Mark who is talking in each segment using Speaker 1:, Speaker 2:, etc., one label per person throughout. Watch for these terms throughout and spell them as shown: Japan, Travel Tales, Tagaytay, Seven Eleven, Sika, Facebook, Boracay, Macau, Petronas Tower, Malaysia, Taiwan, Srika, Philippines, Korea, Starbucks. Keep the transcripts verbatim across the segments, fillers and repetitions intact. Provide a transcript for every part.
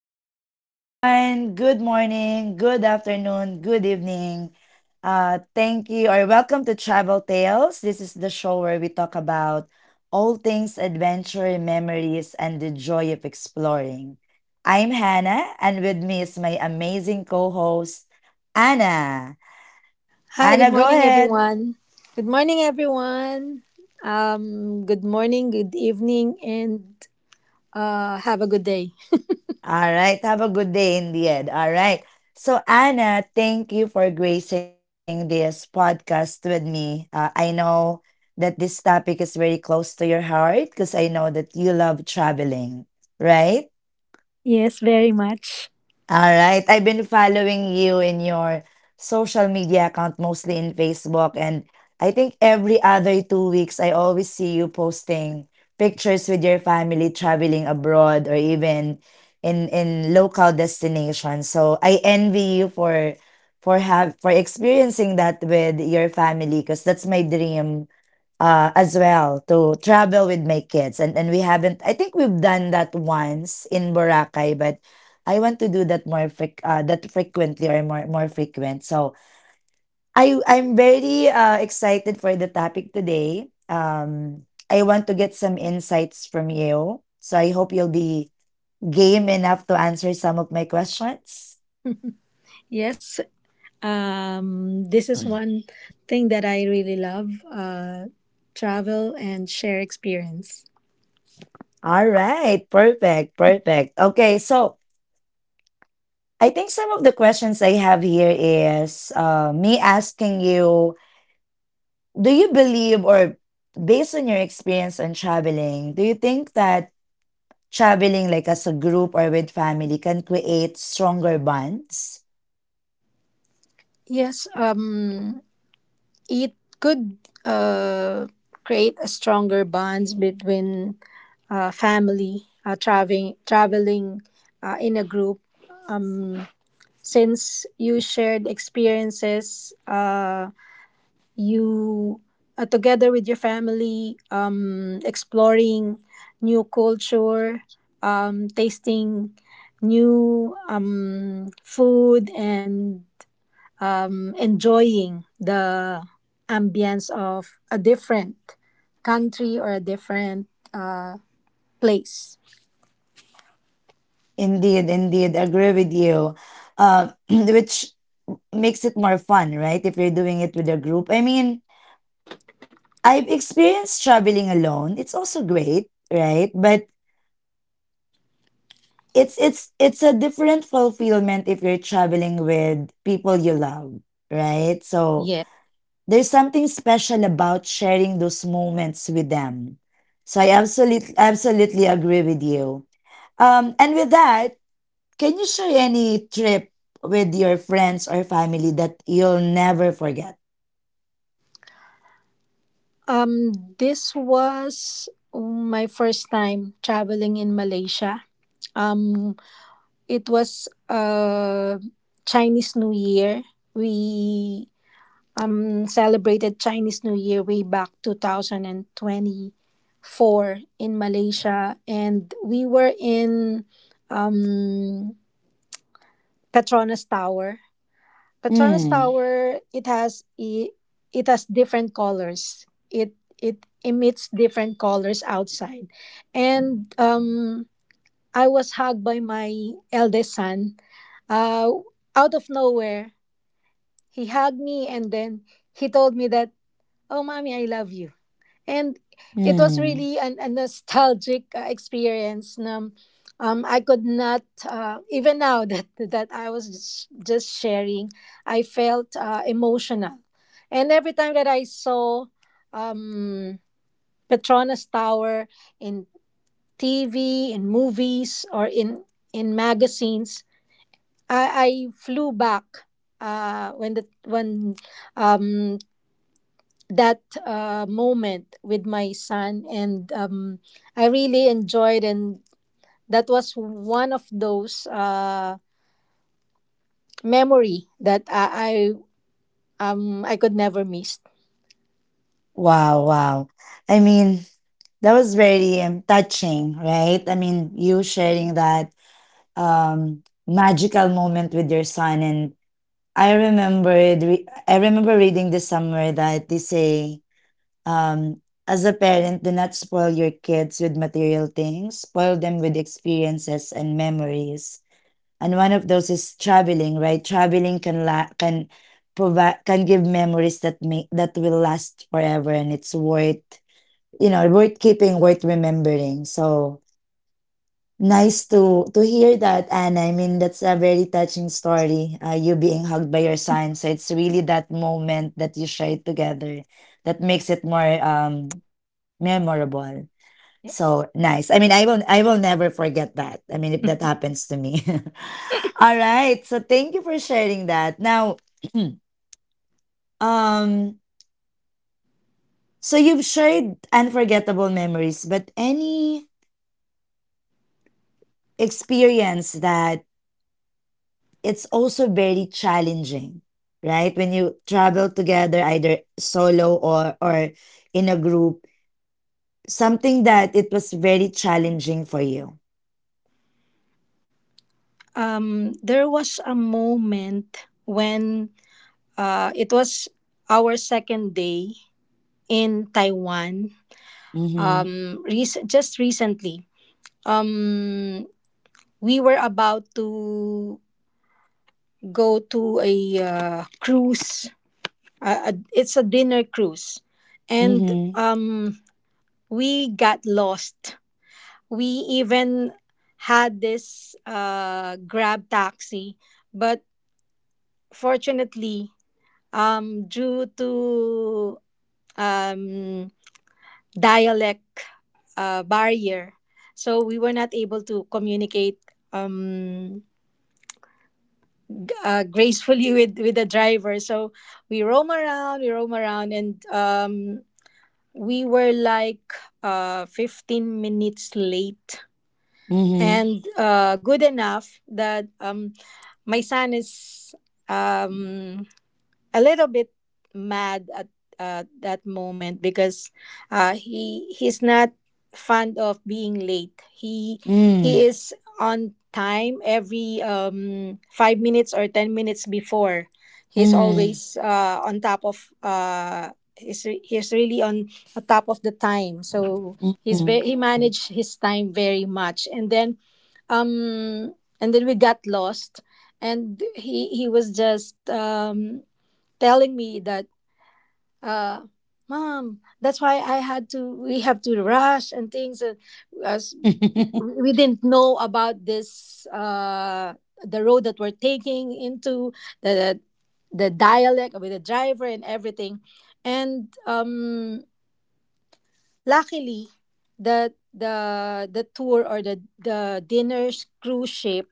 Speaker 1: Hi, everyone. Good morning, good afternoon, good evening. Uh, thank you or welcome to Travel Tales. This is the show where we talk about all things adventure, memories, and the joy of exploring. I'm Hannah, and with me is my amazing co host, Anna.
Speaker 2: Hi, good
Speaker 1: Anna, go
Speaker 2: morning,
Speaker 1: ahead.
Speaker 2: everyone. Good morning, everyone. Um, good morning, good evening, and uh, have a good day.
Speaker 1: All right, have a good day in the end, alright. So, Anna, thank you for gracing this podcast with me. Uh, I know that this topic is very close to your heart because I know that you love traveling, right?
Speaker 2: Yes, very much.
Speaker 1: Alright, I've been following you in your social media account, mostly in Facebook, and I think every other two weeks I always see you posting pictures with your family traveling abroad or even in in local destinations. So I envy you for for have for experiencing that with your family, because that's my dream uh as well, to travel with my kids, and and we haven't. I think we've done that once in Boracay, but I want to do that more freq uh, that frequently, or more more frequent. So I I'm very uh excited for the topic today. um I want to get some insights from you, so I hope you'll be game enough to answer some of my questions.
Speaker 2: Yes, um, this is
Speaker 1: Mm.
Speaker 2: one thing that I really love uh, travel and share experience.
Speaker 1: All right, perfect, perfect okay. So I think some of the questions I have here is, uh, me asking you, do you believe, or based on your experience on traveling, do you think that traveling like as a group or with family can create stronger bonds?
Speaker 2: Yes, um, it could uh, create a stronger bonds between uh, family uh, traveling traveling uh, in a group. Um. Since you shared experiences uh, you uh, together with your family um, exploring new culture um, tasting new um, food and um, enjoying the ambience of a different country or a different uh, place.
Speaker 1: Indeed, indeed, agree with you. Uh, which makes it more fun, right? If you're doing it with a group. I mean, I've experienced traveling alone. It's also great, right? But it's it's it's a different fulfillment if you're traveling with people you love, right? So
Speaker 2: Yes.
Speaker 1: there's something special about sharing those moments with them. So I absolutely absolutely agree with you. Um, and with that, can you share any trip with your friends or family that you'll never forget?
Speaker 2: Um, this was my first time traveling in Malaysia. Um, it was uh, Chinese New Year. We um, celebrated Chinese New Year way back two thousand twenty-four in Malaysia, and we were in um, Petronas Tower Petronas
Speaker 1: Hmm.
Speaker 2: Tower, It has i- it has different colors. It it emits different colors outside, and um, I was hugged by my eldest son. Uh, Out of nowhere, he hugged me, and then he told me that, "Oh, mommy, I love you." And it was
Speaker 1: Hmm.
Speaker 2: really an, a nostalgic uh, experience. um, um, I could not uh, even now that that I was just just sharing. I felt uh, emotional. And every time that I saw um, Petronas Tower in tv, in movies, or in in magazines, i, I flew back uh, when the when um, that uh, moment with my son. And um, I really enjoyed, and that was one of those uh, memory that i I, um, I could never miss.
Speaker 1: Wow. Wow. I mean, that was very um, touching, right? I mean, you sharing that um, magical moment with your son. And I remembered, re- I remember reading this somewhere that they say, um, as a parent, do not spoil your kids with material things, spoil them with experiences and memories. And one of those is traveling, right? Traveling can la- can provide can give memories that make, that will last forever, and it's worth, you know worth keeping, worth remembering. So nice to to hear that, Anna. I mean, that's a very touching story. Uh, you being hugged by your son. So it's really that moment that you shared together that makes it more um memorable. So
Speaker 2: Yes.
Speaker 1: nice. I mean, I will I will never forget that. I mean, if that happens to me. All right. So thank you for sharing that. Now, um, so you've shared unforgettable memories, but any experience that, it's also very challenging, right? When you travel together, either solo, or, or in a group, something that it was very challenging for you.
Speaker 2: Um, there was a moment when uh, it was our second day in taiwan,
Speaker 1: Mm-hmm.
Speaker 2: um, rec- just recently. um, we were about to go to a uh, cruise, uh, a- it's a dinner cruise, and
Speaker 1: Mm-hmm.
Speaker 2: um we got lost. We even had this uh Grab taxi, but fortunately, um due to um dialect uh, barrier, so we were not able to communicate um uh, gracefully with with the driver. So we roam around we roam around, and um we were like uh, fifteen minutes late.
Speaker 1: Mm-hmm.
Speaker 2: And uh, good enough that, um, my son is um, a little bit mad at uh, that moment because uh, he he's not fond of being late. He he
Speaker 1: Mm.
Speaker 2: is on time every um, five minutes or ten minutes before. He's
Speaker 1: Mm.
Speaker 2: always uh, on top of. Uh, he's, re- he's really on the top of the time, so he's very
Speaker 1: Mm.
Speaker 2: he managed his time very much, and then um and then we got lost. And he he was just um telling me that, uh "Mom, that's why I had to we have to rush" and things. And as we didn't know about this, uh the road that we're taking into, the the dialect with the driver and everything. And um luckily, the the the tour or the the dinner cruise ship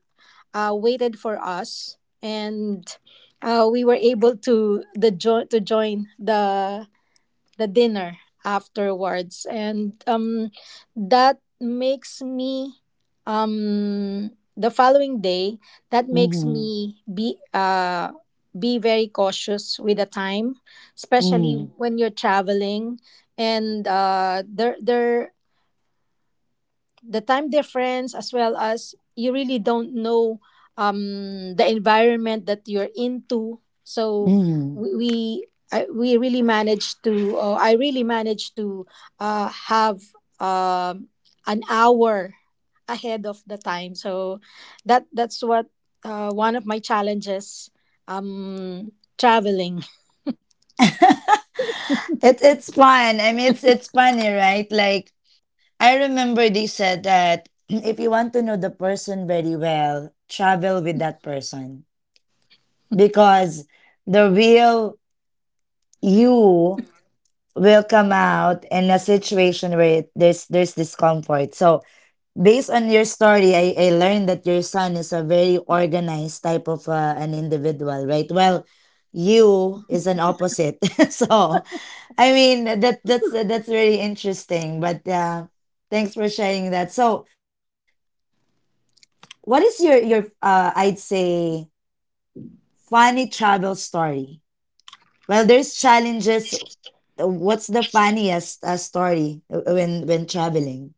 Speaker 2: uh waited for us. And uh, we were able to the jo- to join the the dinner afterwards. And um that makes me um the following day, that makes
Speaker 1: Mm.
Speaker 2: me be uh be very cautious with the time, especially
Speaker 1: Mm.
Speaker 2: when you're traveling. And uh there there the time difference as well, as you really don't know um, the environment that you're into. So
Speaker 1: Mm.
Speaker 2: we we, I, we really managed to uh, i really managed to uh, have um an hour ahead of the time. So that that's what uh, one of my challenges, um traveling.
Speaker 1: it, it's fun. I mean, it's, it's funny, right? Like, I remember they said that, if you want to know the person very well, travel with that person, because the real you will come out in a situation where it- there's there's discomfort. So based on your story, I, I learned that your son is a very organized type of, uh, an individual, right? Well, you is an opposite. So I mean that that's that's really interesting. But uh, thanks for sharing that. So what is your your, uh, I'd say, funny travel story? Well, there's challenges. Uh, What's the funniest, uh, story, uh, when when traveling?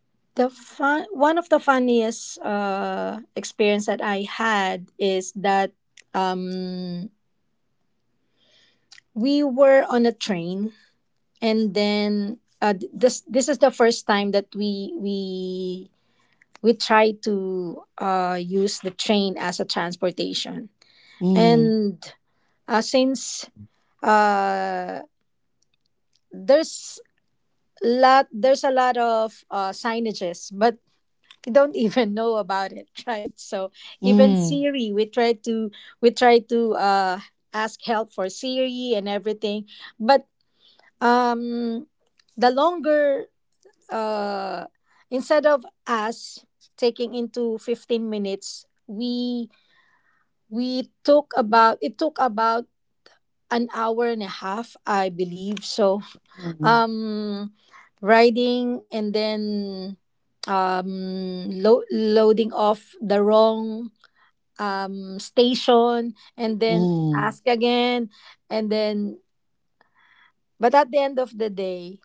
Speaker 2: the fun, One of the funniest uh, experience that I had is that, um, we were on a train. And then uh, th- this this is the first time that we we we try to uh, use the train as a transportation.
Speaker 1: Mm.
Speaker 2: And uh, since uh, there's lot there's a lot of uh, signages, but you don't even know about it, right? So even
Speaker 1: Mm.
Speaker 2: Siri, we try to we try to uh, ask help for Siri and everything. But um the longer uh instead of us taking into fifteen minutes, we we took about it took about an hour and a half, I believe. So
Speaker 1: Mm.
Speaker 2: um riding, and then um lo- loading off the wrong um station, and then
Speaker 1: Mm.
Speaker 2: ask again, and then. But at the end of the day,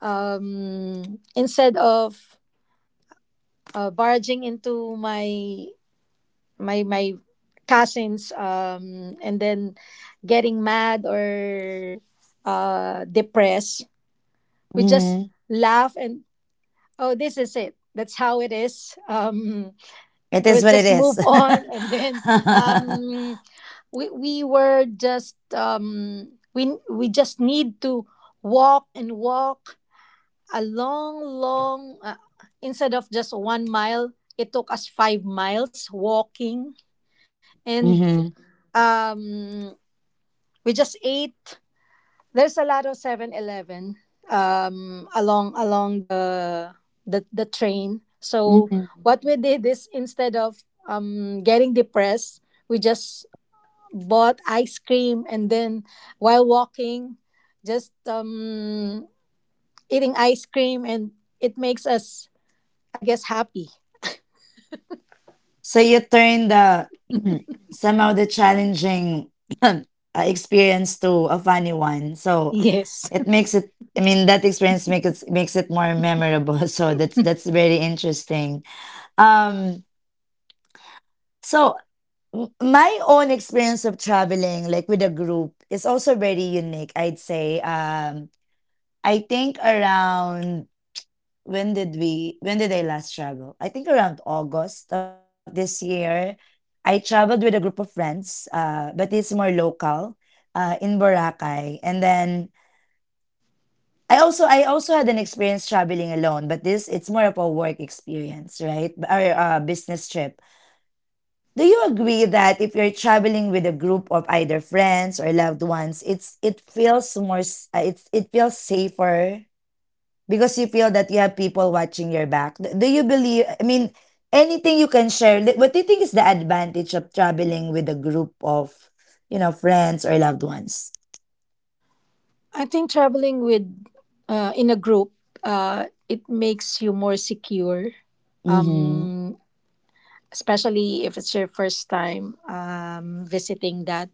Speaker 2: um, instead of uh, barging into my my my cousins, um, and then getting mad or uh, depressed, we just
Speaker 1: Mm.
Speaker 2: laugh and, "Oh, this is it. That's how it is." Um,
Speaker 1: It is
Speaker 2: we'll
Speaker 1: what it
Speaker 2: just
Speaker 1: is.
Speaker 2: move on, and then um, we we were just um, we we just need to walk and walk a long, long, uh, instead of just one mile, it took us five miles walking. And
Speaker 1: Mm.
Speaker 2: um, we just ate. There's a lot of Seven Eleven um, along, along the, the, the, train. So
Speaker 1: Mm.
Speaker 2: what we did is instead of um, getting depressed, we just bought ice cream, and then while walking, just um, eating ice cream, and it makes us, I guess, happy.
Speaker 1: So you turn the, somehow, the challenging, uh, experience to a funny one. So
Speaker 2: Yes.
Speaker 1: it makes it. I mean, that experience makes it makes it more memorable. So that's that's very interesting. Um. So M- my own experience of traveling, like with a group, is also very unique, I'd say. um I think around, when did we when did I last travel, I think around August of this year. I traveled with a group of friends, uh but it's more local, uh in Boracay. And then i also I also had an experience traveling alone, but this it's more of a work experience, right, or a business trip. Do you agree that if you're traveling with a group of either friends or loved ones, it's it feels more s- uh, it's it feels safer, because you feel that you have people watching your back? D- Do you believe, I mean, anything you can share? li- What do you think is the advantage of traveling with a group of, you know, friends or loved ones?
Speaker 2: I think traveling with, uh, in a group, uh, it makes you more secure.
Speaker 1: Mm-hmm.
Speaker 2: Um, Especially if it's your first time um, visiting that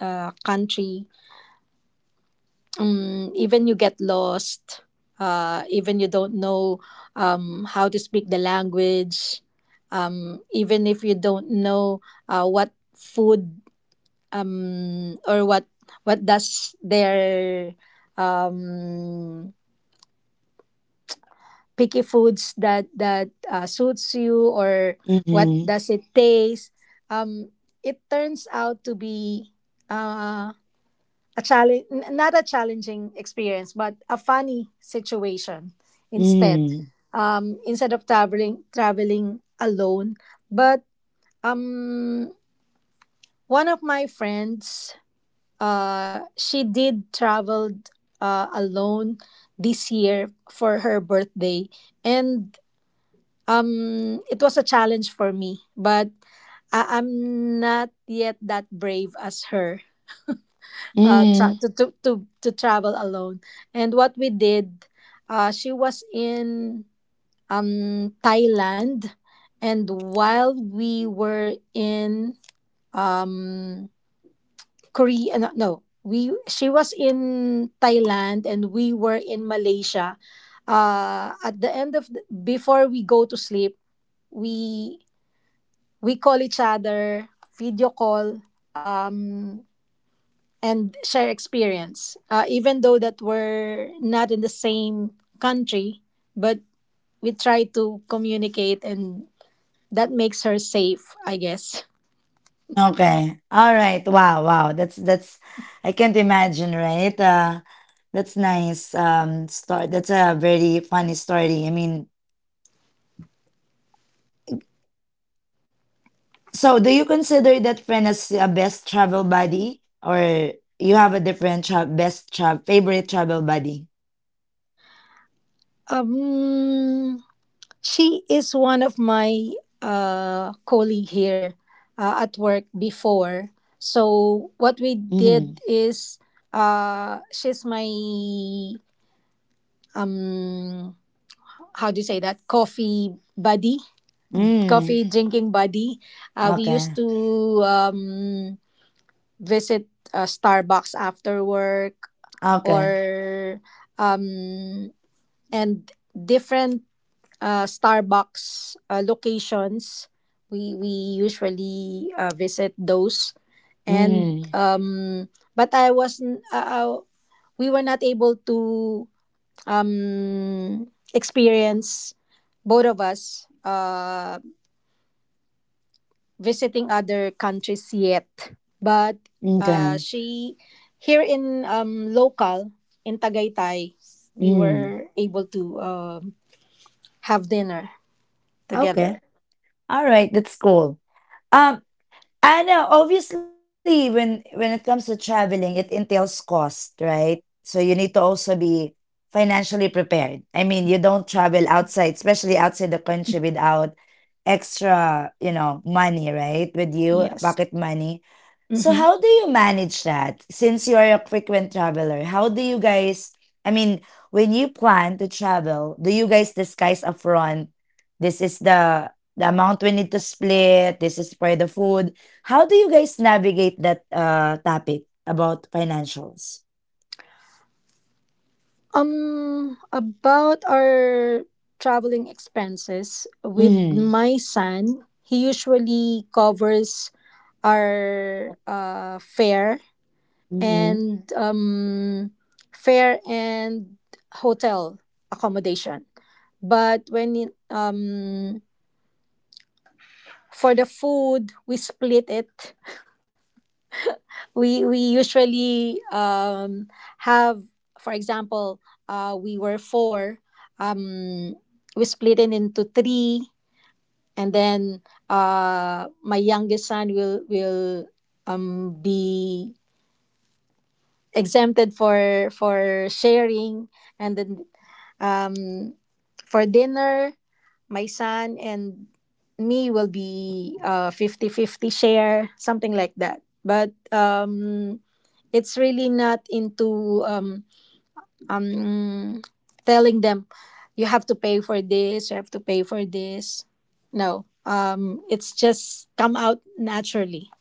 Speaker 2: uh, country. Um, even you get lost. Uh, even you don't know um, how to speak the language. Um, even if you don't know uh, what food, um, or what what does their um picky foods that that uh, suits you, or what
Speaker 1: Mm-hmm.
Speaker 2: does it taste. um it turns out to be uh, a challenge, not a challenging experience, but a funny situation instead.
Speaker 1: Mm-hmm.
Speaker 2: Um instead of traveling traveling alone. But um one of my friends, uh she did traveled uh, alone this year for her birthday. And Um, it was a challenge for me, but I- I'm not yet that brave as her uh, tra-
Speaker 1: Mm-hmm.
Speaker 2: to, to, to, to travel alone. And what we did, uh, she was in um, Thailand, and while we were in um, Korea, no, no, we she was in Thailand and we were in Malaysia. Uh, at the end of the, before we go to sleep, we we call each other, video call, um, and share experience. Uh, even though that we're not in the same country, but we try to communicate, and that makes her safe, I guess.
Speaker 1: Okay. Alright. Wow, wow. That's that's I can't imagine, right? Uh that's nice. Um story. That's a very funny story. I mean, so do you consider that friend as a best travel buddy, or you have a different tra- best tra- favorite travel buddy?
Speaker 2: Um, she is one of my uh, colleague here uh, at work before. So what we
Speaker 1: Mhm.
Speaker 2: did is, uh, she's my, um how do you say, that coffee buddy,
Speaker 1: Mm.
Speaker 2: coffee drinking buddy. Uh, we used
Speaker 1: Okay.
Speaker 2: to um, visit uh, Starbucks after work,
Speaker 1: Okay.
Speaker 2: or um, and different uh, Starbucks uh, locations. We we usually uh, visit those. And
Speaker 1: Mhm.
Speaker 2: um, but I wasn't uh, uh, we were not able to um, experience both of us uh, visiting other countries yet. But uh,
Speaker 1: Okay.
Speaker 2: she, here in um, local, in Tagaytay, we
Speaker 1: Mm.
Speaker 2: were able to um, have dinner
Speaker 1: Okay.
Speaker 2: together.
Speaker 1: All right, that's cool. Um I know, obviously, when when it comes to traveling, it entails cost, right? So you need to also be financially prepared. I mean, you don't travel outside, especially outside the country, without extra, you know, money, right? With you,
Speaker 2: Yes.
Speaker 1: pocket money. So
Speaker 2: hmm
Speaker 1: how do you manage that? Since you are a frequent traveler, how do you guys, I mean, when you plan to travel, do you guys disguise upfront? This is the the amount we need to split. This is for the food. How do you guys navigate that, uh, topic about financials?
Speaker 2: Um, about our traveling expenses with
Speaker 1: Mhm.
Speaker 2: my son, he usually covers our uh, fare
Speaker 1: Mhm.
Speaker 2: and um, fare and hotel accommodation. But when it, um, for the food, we split it. We we usually um, have, for example, uh, we were four. Um, we split it into three, and then uh, my youngest son will will um, be exempted for for sharing, and then um, For dinner, my son and me will be uh fifty fifty share, something like that. But um it's really not into um um telling them, "You have to pay for this. You have to pay for this." No. Um it's just come out naturally.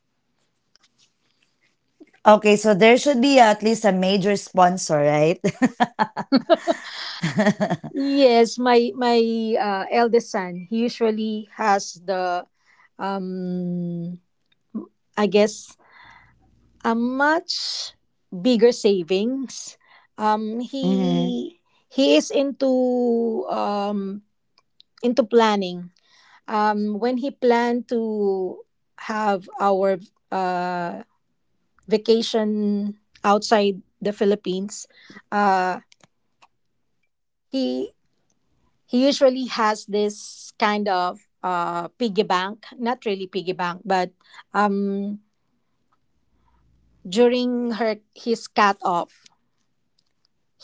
Speaker 1: Okay, so there should be at least a major sponsor, right?
Speaker 2: Yes, my my uh, eldest son, he usually has the, um I guess, a much bigger savings. Um,
Speaker 1: Mhm.
Speaker 2: he he is into um, into planning. Um, when he planned to have our uh, vacation outside the Philippines, uh, he he usually has this kind of uh, piggy bank, not really piggy bank, but um, during her his cut off,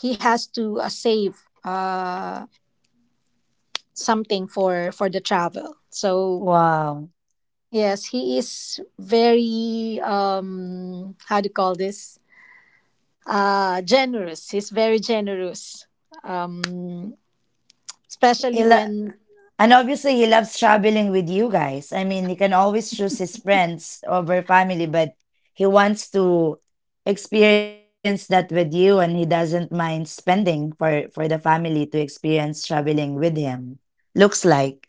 Speaker 2: he has to uh, save uh, something for for the travel. So
Speaker 1: Wow.
Speaker 2: yes, he is very, um, how do you call this? Uh, generous. He's very generous, um,
Speaker 1: He
Speaker 2: especially
Speaker 1: lo-
Speaker 2: when.
Speaker 1: and obviously, he loves traveling with you guys. I mean, he can always choose his friends over family, but he wants to experience that with you, and he doesn't mind spending for for the family to experience traveling with him. Looks like,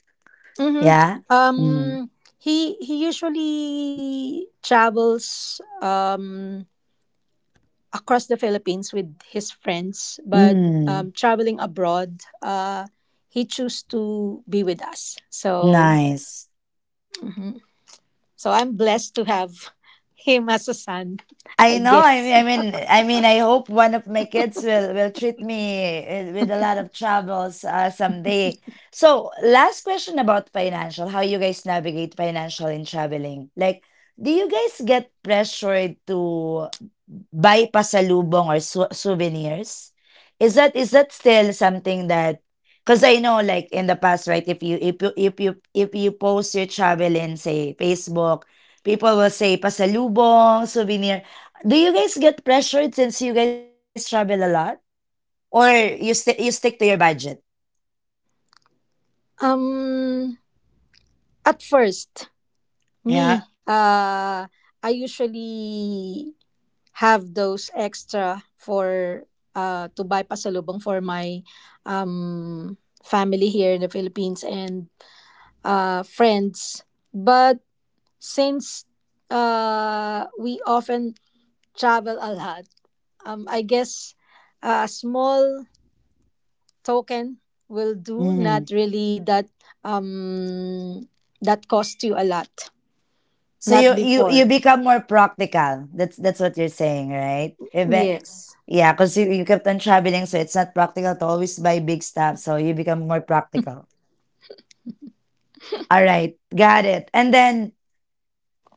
Speaker 2: Mhm.
Speaker 1: yeah.
Speaker 2: um, he he usually travels. Um, across the Philippines with his friends. But
Speaker 1: Mm,
Speaker 2: um, traveling abroad, uh, he chose to be with us. So,
Speaker 1: nice.
Speaker 2: mhm. so I'm blessed to have him as a son,
Speaker 1: I
Speaker 2: I
Speaker 1: know. I mean,
Speaker 2: guess.
Speaker 1: I mean, I mean, I hope one of my kids will will treat me, uh, with a lot of travels, uh, someday. So, last question about financial. How you guys navigate financial in traveling? Like, do you guys get pressured to buy pasalubong or sou- souvenirs? Is that is that still something that? Because I know, like in the past, right? If you if you if you if you post your travel in say Facebook, people will say pasalubong souvenir. Do you guys get pressured since you guys travel a lot, or you stick you stick to your budget?
Speaker 2: Um, at first, me,
Speaker 1: Yeah.
Speaker 2: uh, I usually have those extra for, uh, to buy pasalubong for my um, family here in the Philippines and uh, friends. But since uh, we often travel a lot, um, I guess a small token will do.
Speaker 1: Hmm.
Speaker 2: Not really that um, that cost you a lot.
Speaker 1: So
Speaker 2: Not
Speaker 1: you you you
Speaker 2: before.
Speaker 1: become more practical. That's that's what you're saying, right? Even
Speaker 2: Yes.
Speaker 1: yeah, because you, you kept on traveling, so it's not practical to always buy big stuff. So you become more practical. All right, got it. And then,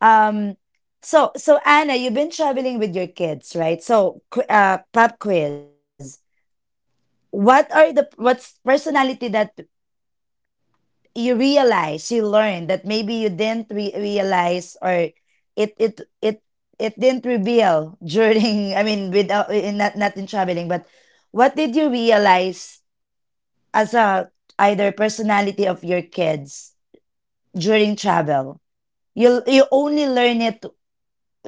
Speaker 1: um, so so Anna, you've been traveling with your kids, right? So qu- uh, pop quiz. What are the what's personality that you realize you learn, that maybe you didn't re- realize, or it it it it didn't reveal during I mean, without, in, not, not in traveling, but what did you realize as a either personality of your kids during travel, you you only learn it,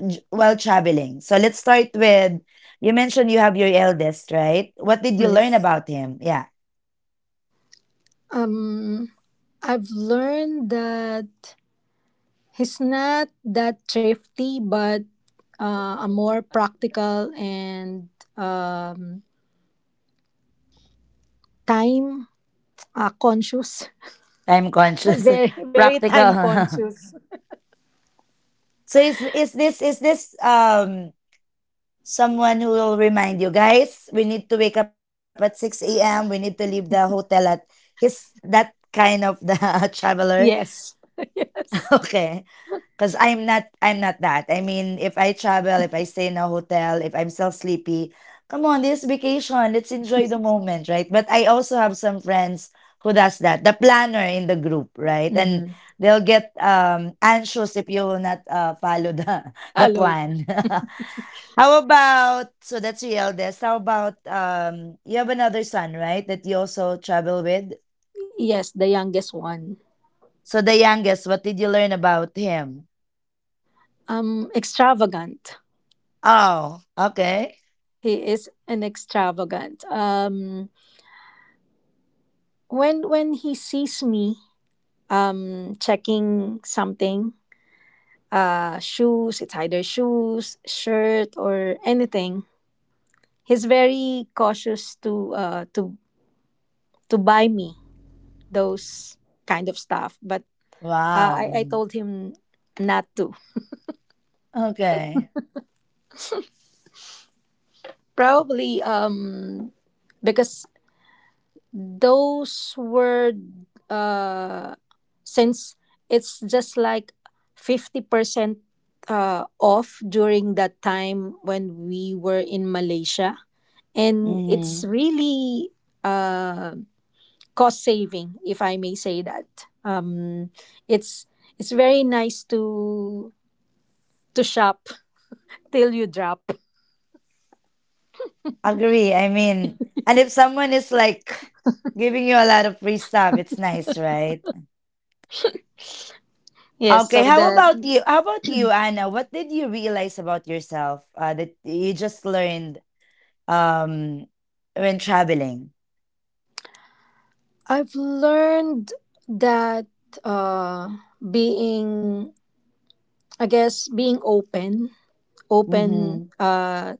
Speaker 1: j- while traveling? So let's start with, you mentioned you have your eldest, right? What did you learn
Speaker 2: Yes.
Speaker 1: about him? Yeah.
Speaker 2: Um, I've learned that he's not that thrifty, but uh, a more practical and um, time uh, conscious.
Speaker 1: Time conscious.
Speaker 2: Very, very
Speaker 1: Practical.
Speaker 2: time conscious.
Speaker 1: So is, is this is this, um someone who will remind you guys, "We need to wake up at six a m. We need to leave the hotel at his," that kind of the traveler?
Speaker 2: Yes. Yes.
Speaker 1: Okay. Because i'm not I'm not that, I mean, if I travel, if I stay in a hotel, if I'm still sleepy, come on, this vacation, let's enjoy the moment, right? But I also have some friends who does that, the planner in the group, right? And
Speaker 2: hmm
Speaker 1: they'll get um anxious if you will not, uh, follow the the
Speaker 2: Hello.
Speaker 1: plan. How about, so that's the eldest. How about, um you have another son, right? That you also travel with?
Speaker 2: Yes, the youngest one.
Speaker 1: So the youngest, what did you learn about him?
Speaker 2: Um, extravagant.
Speaker 1: Oh, okay.
Speaker 2: He is an extravagant. Um, when when he sees me, um, checking something, uh, shoes. It's either shoes, shirt, or anything. He's very cautious to uh to to buy me those kind of stuff. But
Speaker 1: Wow.
Speaker 2: uh, I I
Speaker 1: Mhm.
Speaker 2: told him not to.
Speaker 1: Okay.
Speaker 2: Probably um because those were, uh since it's just like fifty percent uh off during that time when we were in Malaysia, and it's
Speaker 1: Hmm.
Speaker 2: really uh cost saving, if I may say that. Um it's it's very nice to to shop till you drop.
Speaker 1: Agree. I mean, and if someone is like giving you a lot of free stuff, it's nice, right?
Speaker 2: Yes,
Speaker 1: Okay,
Speaker 2: so
Speaker 1: how
Speaker 2: that.
Speaker 1: about you? How about you, Anna? What did you realize about yourself, uh, that you just learned um when traveling?
Speaker 2: I've learned that uh, being, I guess, being open, open,
Speaker 1: Mm-hmm.
Speaker 2: uh,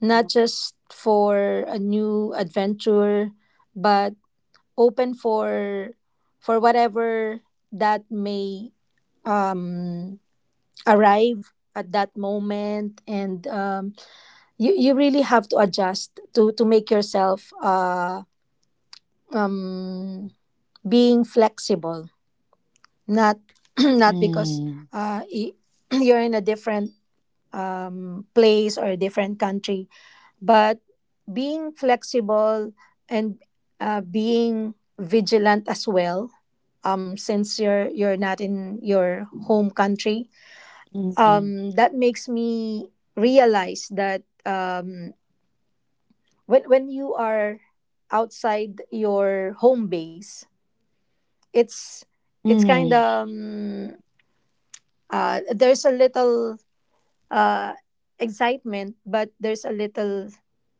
Speaker 2: not just for a new adventure, but open for for whatever that may um, arrive at that moment, and um, you you really have to adjust to to make yourself, uh, um, being flexible, not not because
Speaker 1: Mm.
Speaker 2: uh, y- you're in a different um, place or a different country, but being flexible and uh, being vigilant as well. Um, since you're you're not in your home country,
Speaker 1: Mhm.
Speaker 2: um, that makes me realize that, um, when when you are outside your home base, it's it's
Speaker 1: Mhm.
Speaker 2: kind of, um, uh, there's a little uh, excitement, but there's a little,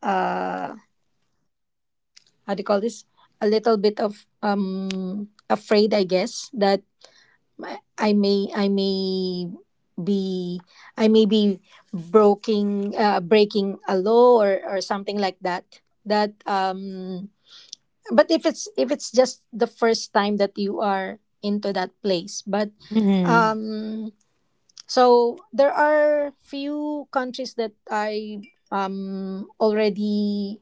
Speaker 2: uh, how do you call this? A little bit of um, afraid, I guess. That I I may I may be I may be breaking, uh, breaking a law, or or something like that. That um, but if it's if it's just the first time that you are into that place. But
Speaker 1: Mhm.
Speaker 2: um so there are few countries that I um already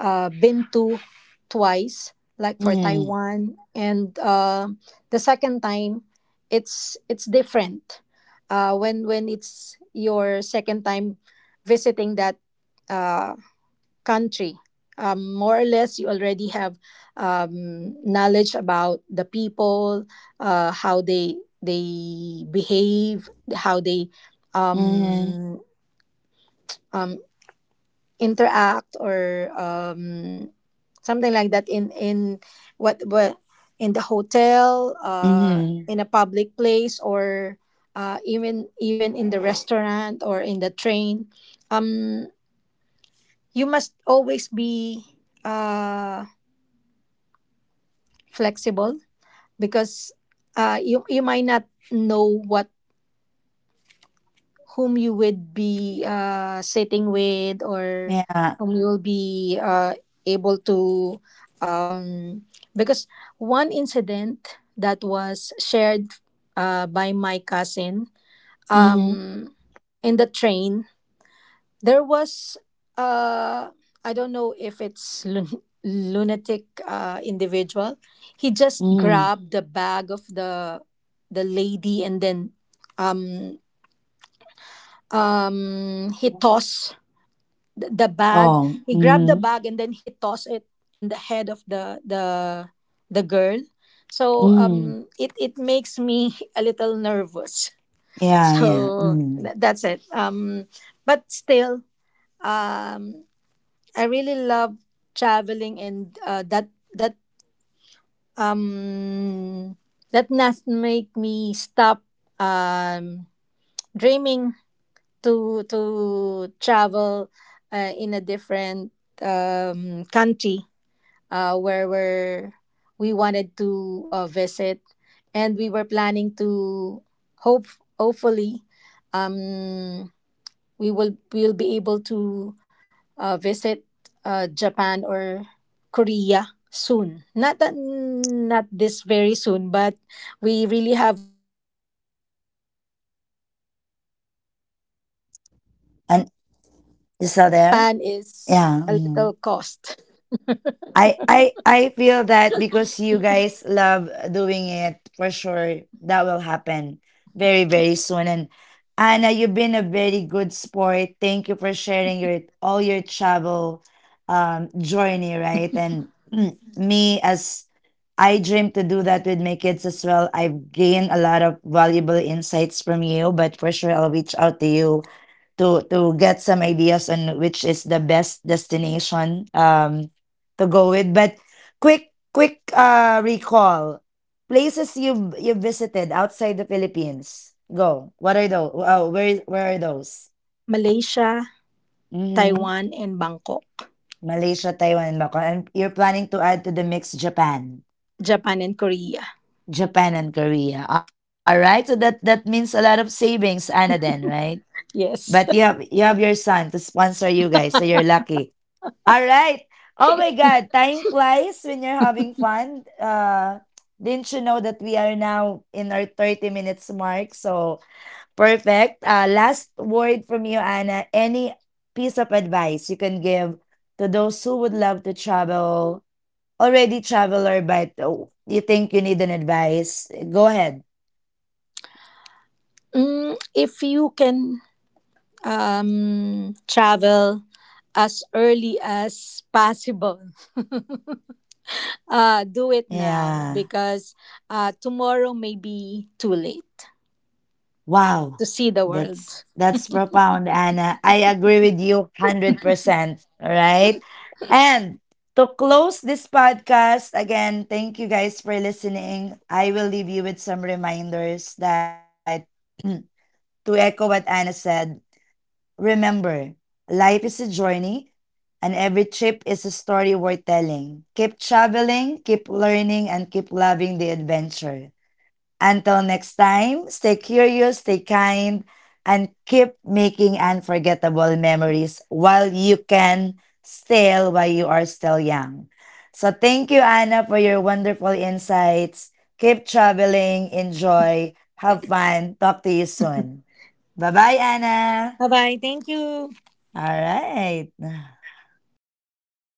Speaker 2: uh, been to twice, like for
Speaker 1: Mhm.
Speaker 2: Taiwan. And uh, the second time, it's it's different. Uh, when when it's your second time visiting that uh, country. Um, more or less, you already have um, knowledge about the people, uh, how they they behave, how they
Speaker 1: Mhm.
Speaker 2: um, um, interact, or um, something like that, in in what what in the hotel, uh,
Speaker 1: Mhm.
Speaker 2: in a public place, or uh, even even in the restaurant or in the train. Um, you must always be. Uh, Flexible, because uh, you you might not know what whom you would be uh, sitting with, or
Speaker 1: Yeah.
Speaker 2: whom you will be uh, able to. um, because one incident that was shared uh, by my cousin
Speaker 1: Mhm.
Speaker 2: um, in the train. There was, uh, I don't know if it's lun- lunatic uh, individual. He just
Speaker 1: Mhm.
Speaker 2: grabbed the bag of the the lady, and then um, um, he tossed th- the bag.
Speaker 1: Oh,
Speaker 2: He grabbed the
Speaker 1: mhm.
Speaker 2: bag and then he tossed it in the head of the the the girl. So,
Speaker 1: Mhm.
Speaker 2: um, it it makes me a little nervous.
Speaker 1: Yeah, yeah.
Speaker 2: So
Speaker 1: Mm.
Speaker 2: tha- that's it. Um, but still. Um, I really love traveling, and uh, that that um that must make me stop um dreaming to to travel uh, in a different um country, uh where where we wanted to uh, visit. And we were planning to, hope hopefully, um we will we'll be able to uh, visit uh, Japan or Korea soon. Not that, not this very soon, but we really have.
Speaker 1: And, you still there?
Speaker 2: Japan is
Speaker 1: Yeah.
Speaker 2: a
Speaker 1: Mm.
Speaker 2: little cost.
Speaker 1: I I I feel that because you guys love doing it, for sure that will happen very, very soon. And Anna, you've been a very good sport. Thank you for sharing your, all your travel um journey, right? And, me, as I dream to do that with my kids as well. I've gained a lot of valuable insights from you, but for sure I'll reach out to you to to get some ideas on which is the best destination um to go with. But quick, quick uh recall, places you you visited outside the Philippines, go what are those? Oh, where is- where are those?
Speaker 2: Malaysia,
Speaker 1: Mm-hmm.
Speaker 2: Taiwan, and Bangkok.
Speaker 1: Malaysia, Taiwan, and Macau, and you're planning to add to the mix Japan?
Speaker 2: Japan and Korea.
Speaker 1: Japan and Korea. All right, so that that means a lot of savings, Anna, then, right?
Speaker 2: Yes.
Speaker 1: But you have you have your son to sponsor you guys, so you're lucky. All right. Oh my God, time flies when you're having fun. Uh, didn't you know that we are now in our thirty minutes mark? So perfect. Uh, last word from you, Anna. Any piece of advice you can give to those who would love to travel, already traveler, but oh, you think you need an advice? Go ahead.
Speaker 2: Mm, if you can, um, travel as early as possible. Uh, do it now,
Speaker 1: Yeah.
Speaker 2: because uh, tomorrow may be too late
Speaker 1: Wow,
Speaker 2: to see the
Speaker 1: that's
Speaker 2: world.
Speaker 1: that's profound, Anna. I agree with you one hundred percent, all right? And to close this podcast, again, thank you guys for listening. I will leave you with some reminders that, to echo what Anna said, remember, life is a journey and every trip is a story worth telling. Keep traveling, keep learning, and keep loving the adventure. Until next time, stay curious, stay kind, and keep making unforgettable memories while you can still, while you are still young. So thank you, Anna, for your wonderful insights. Keep traveling, enjoy, have fun. Talk to you soon. Bye bye, Anna.
Speaker 2: Bye bye. Thank you.
Speaker 1: All right.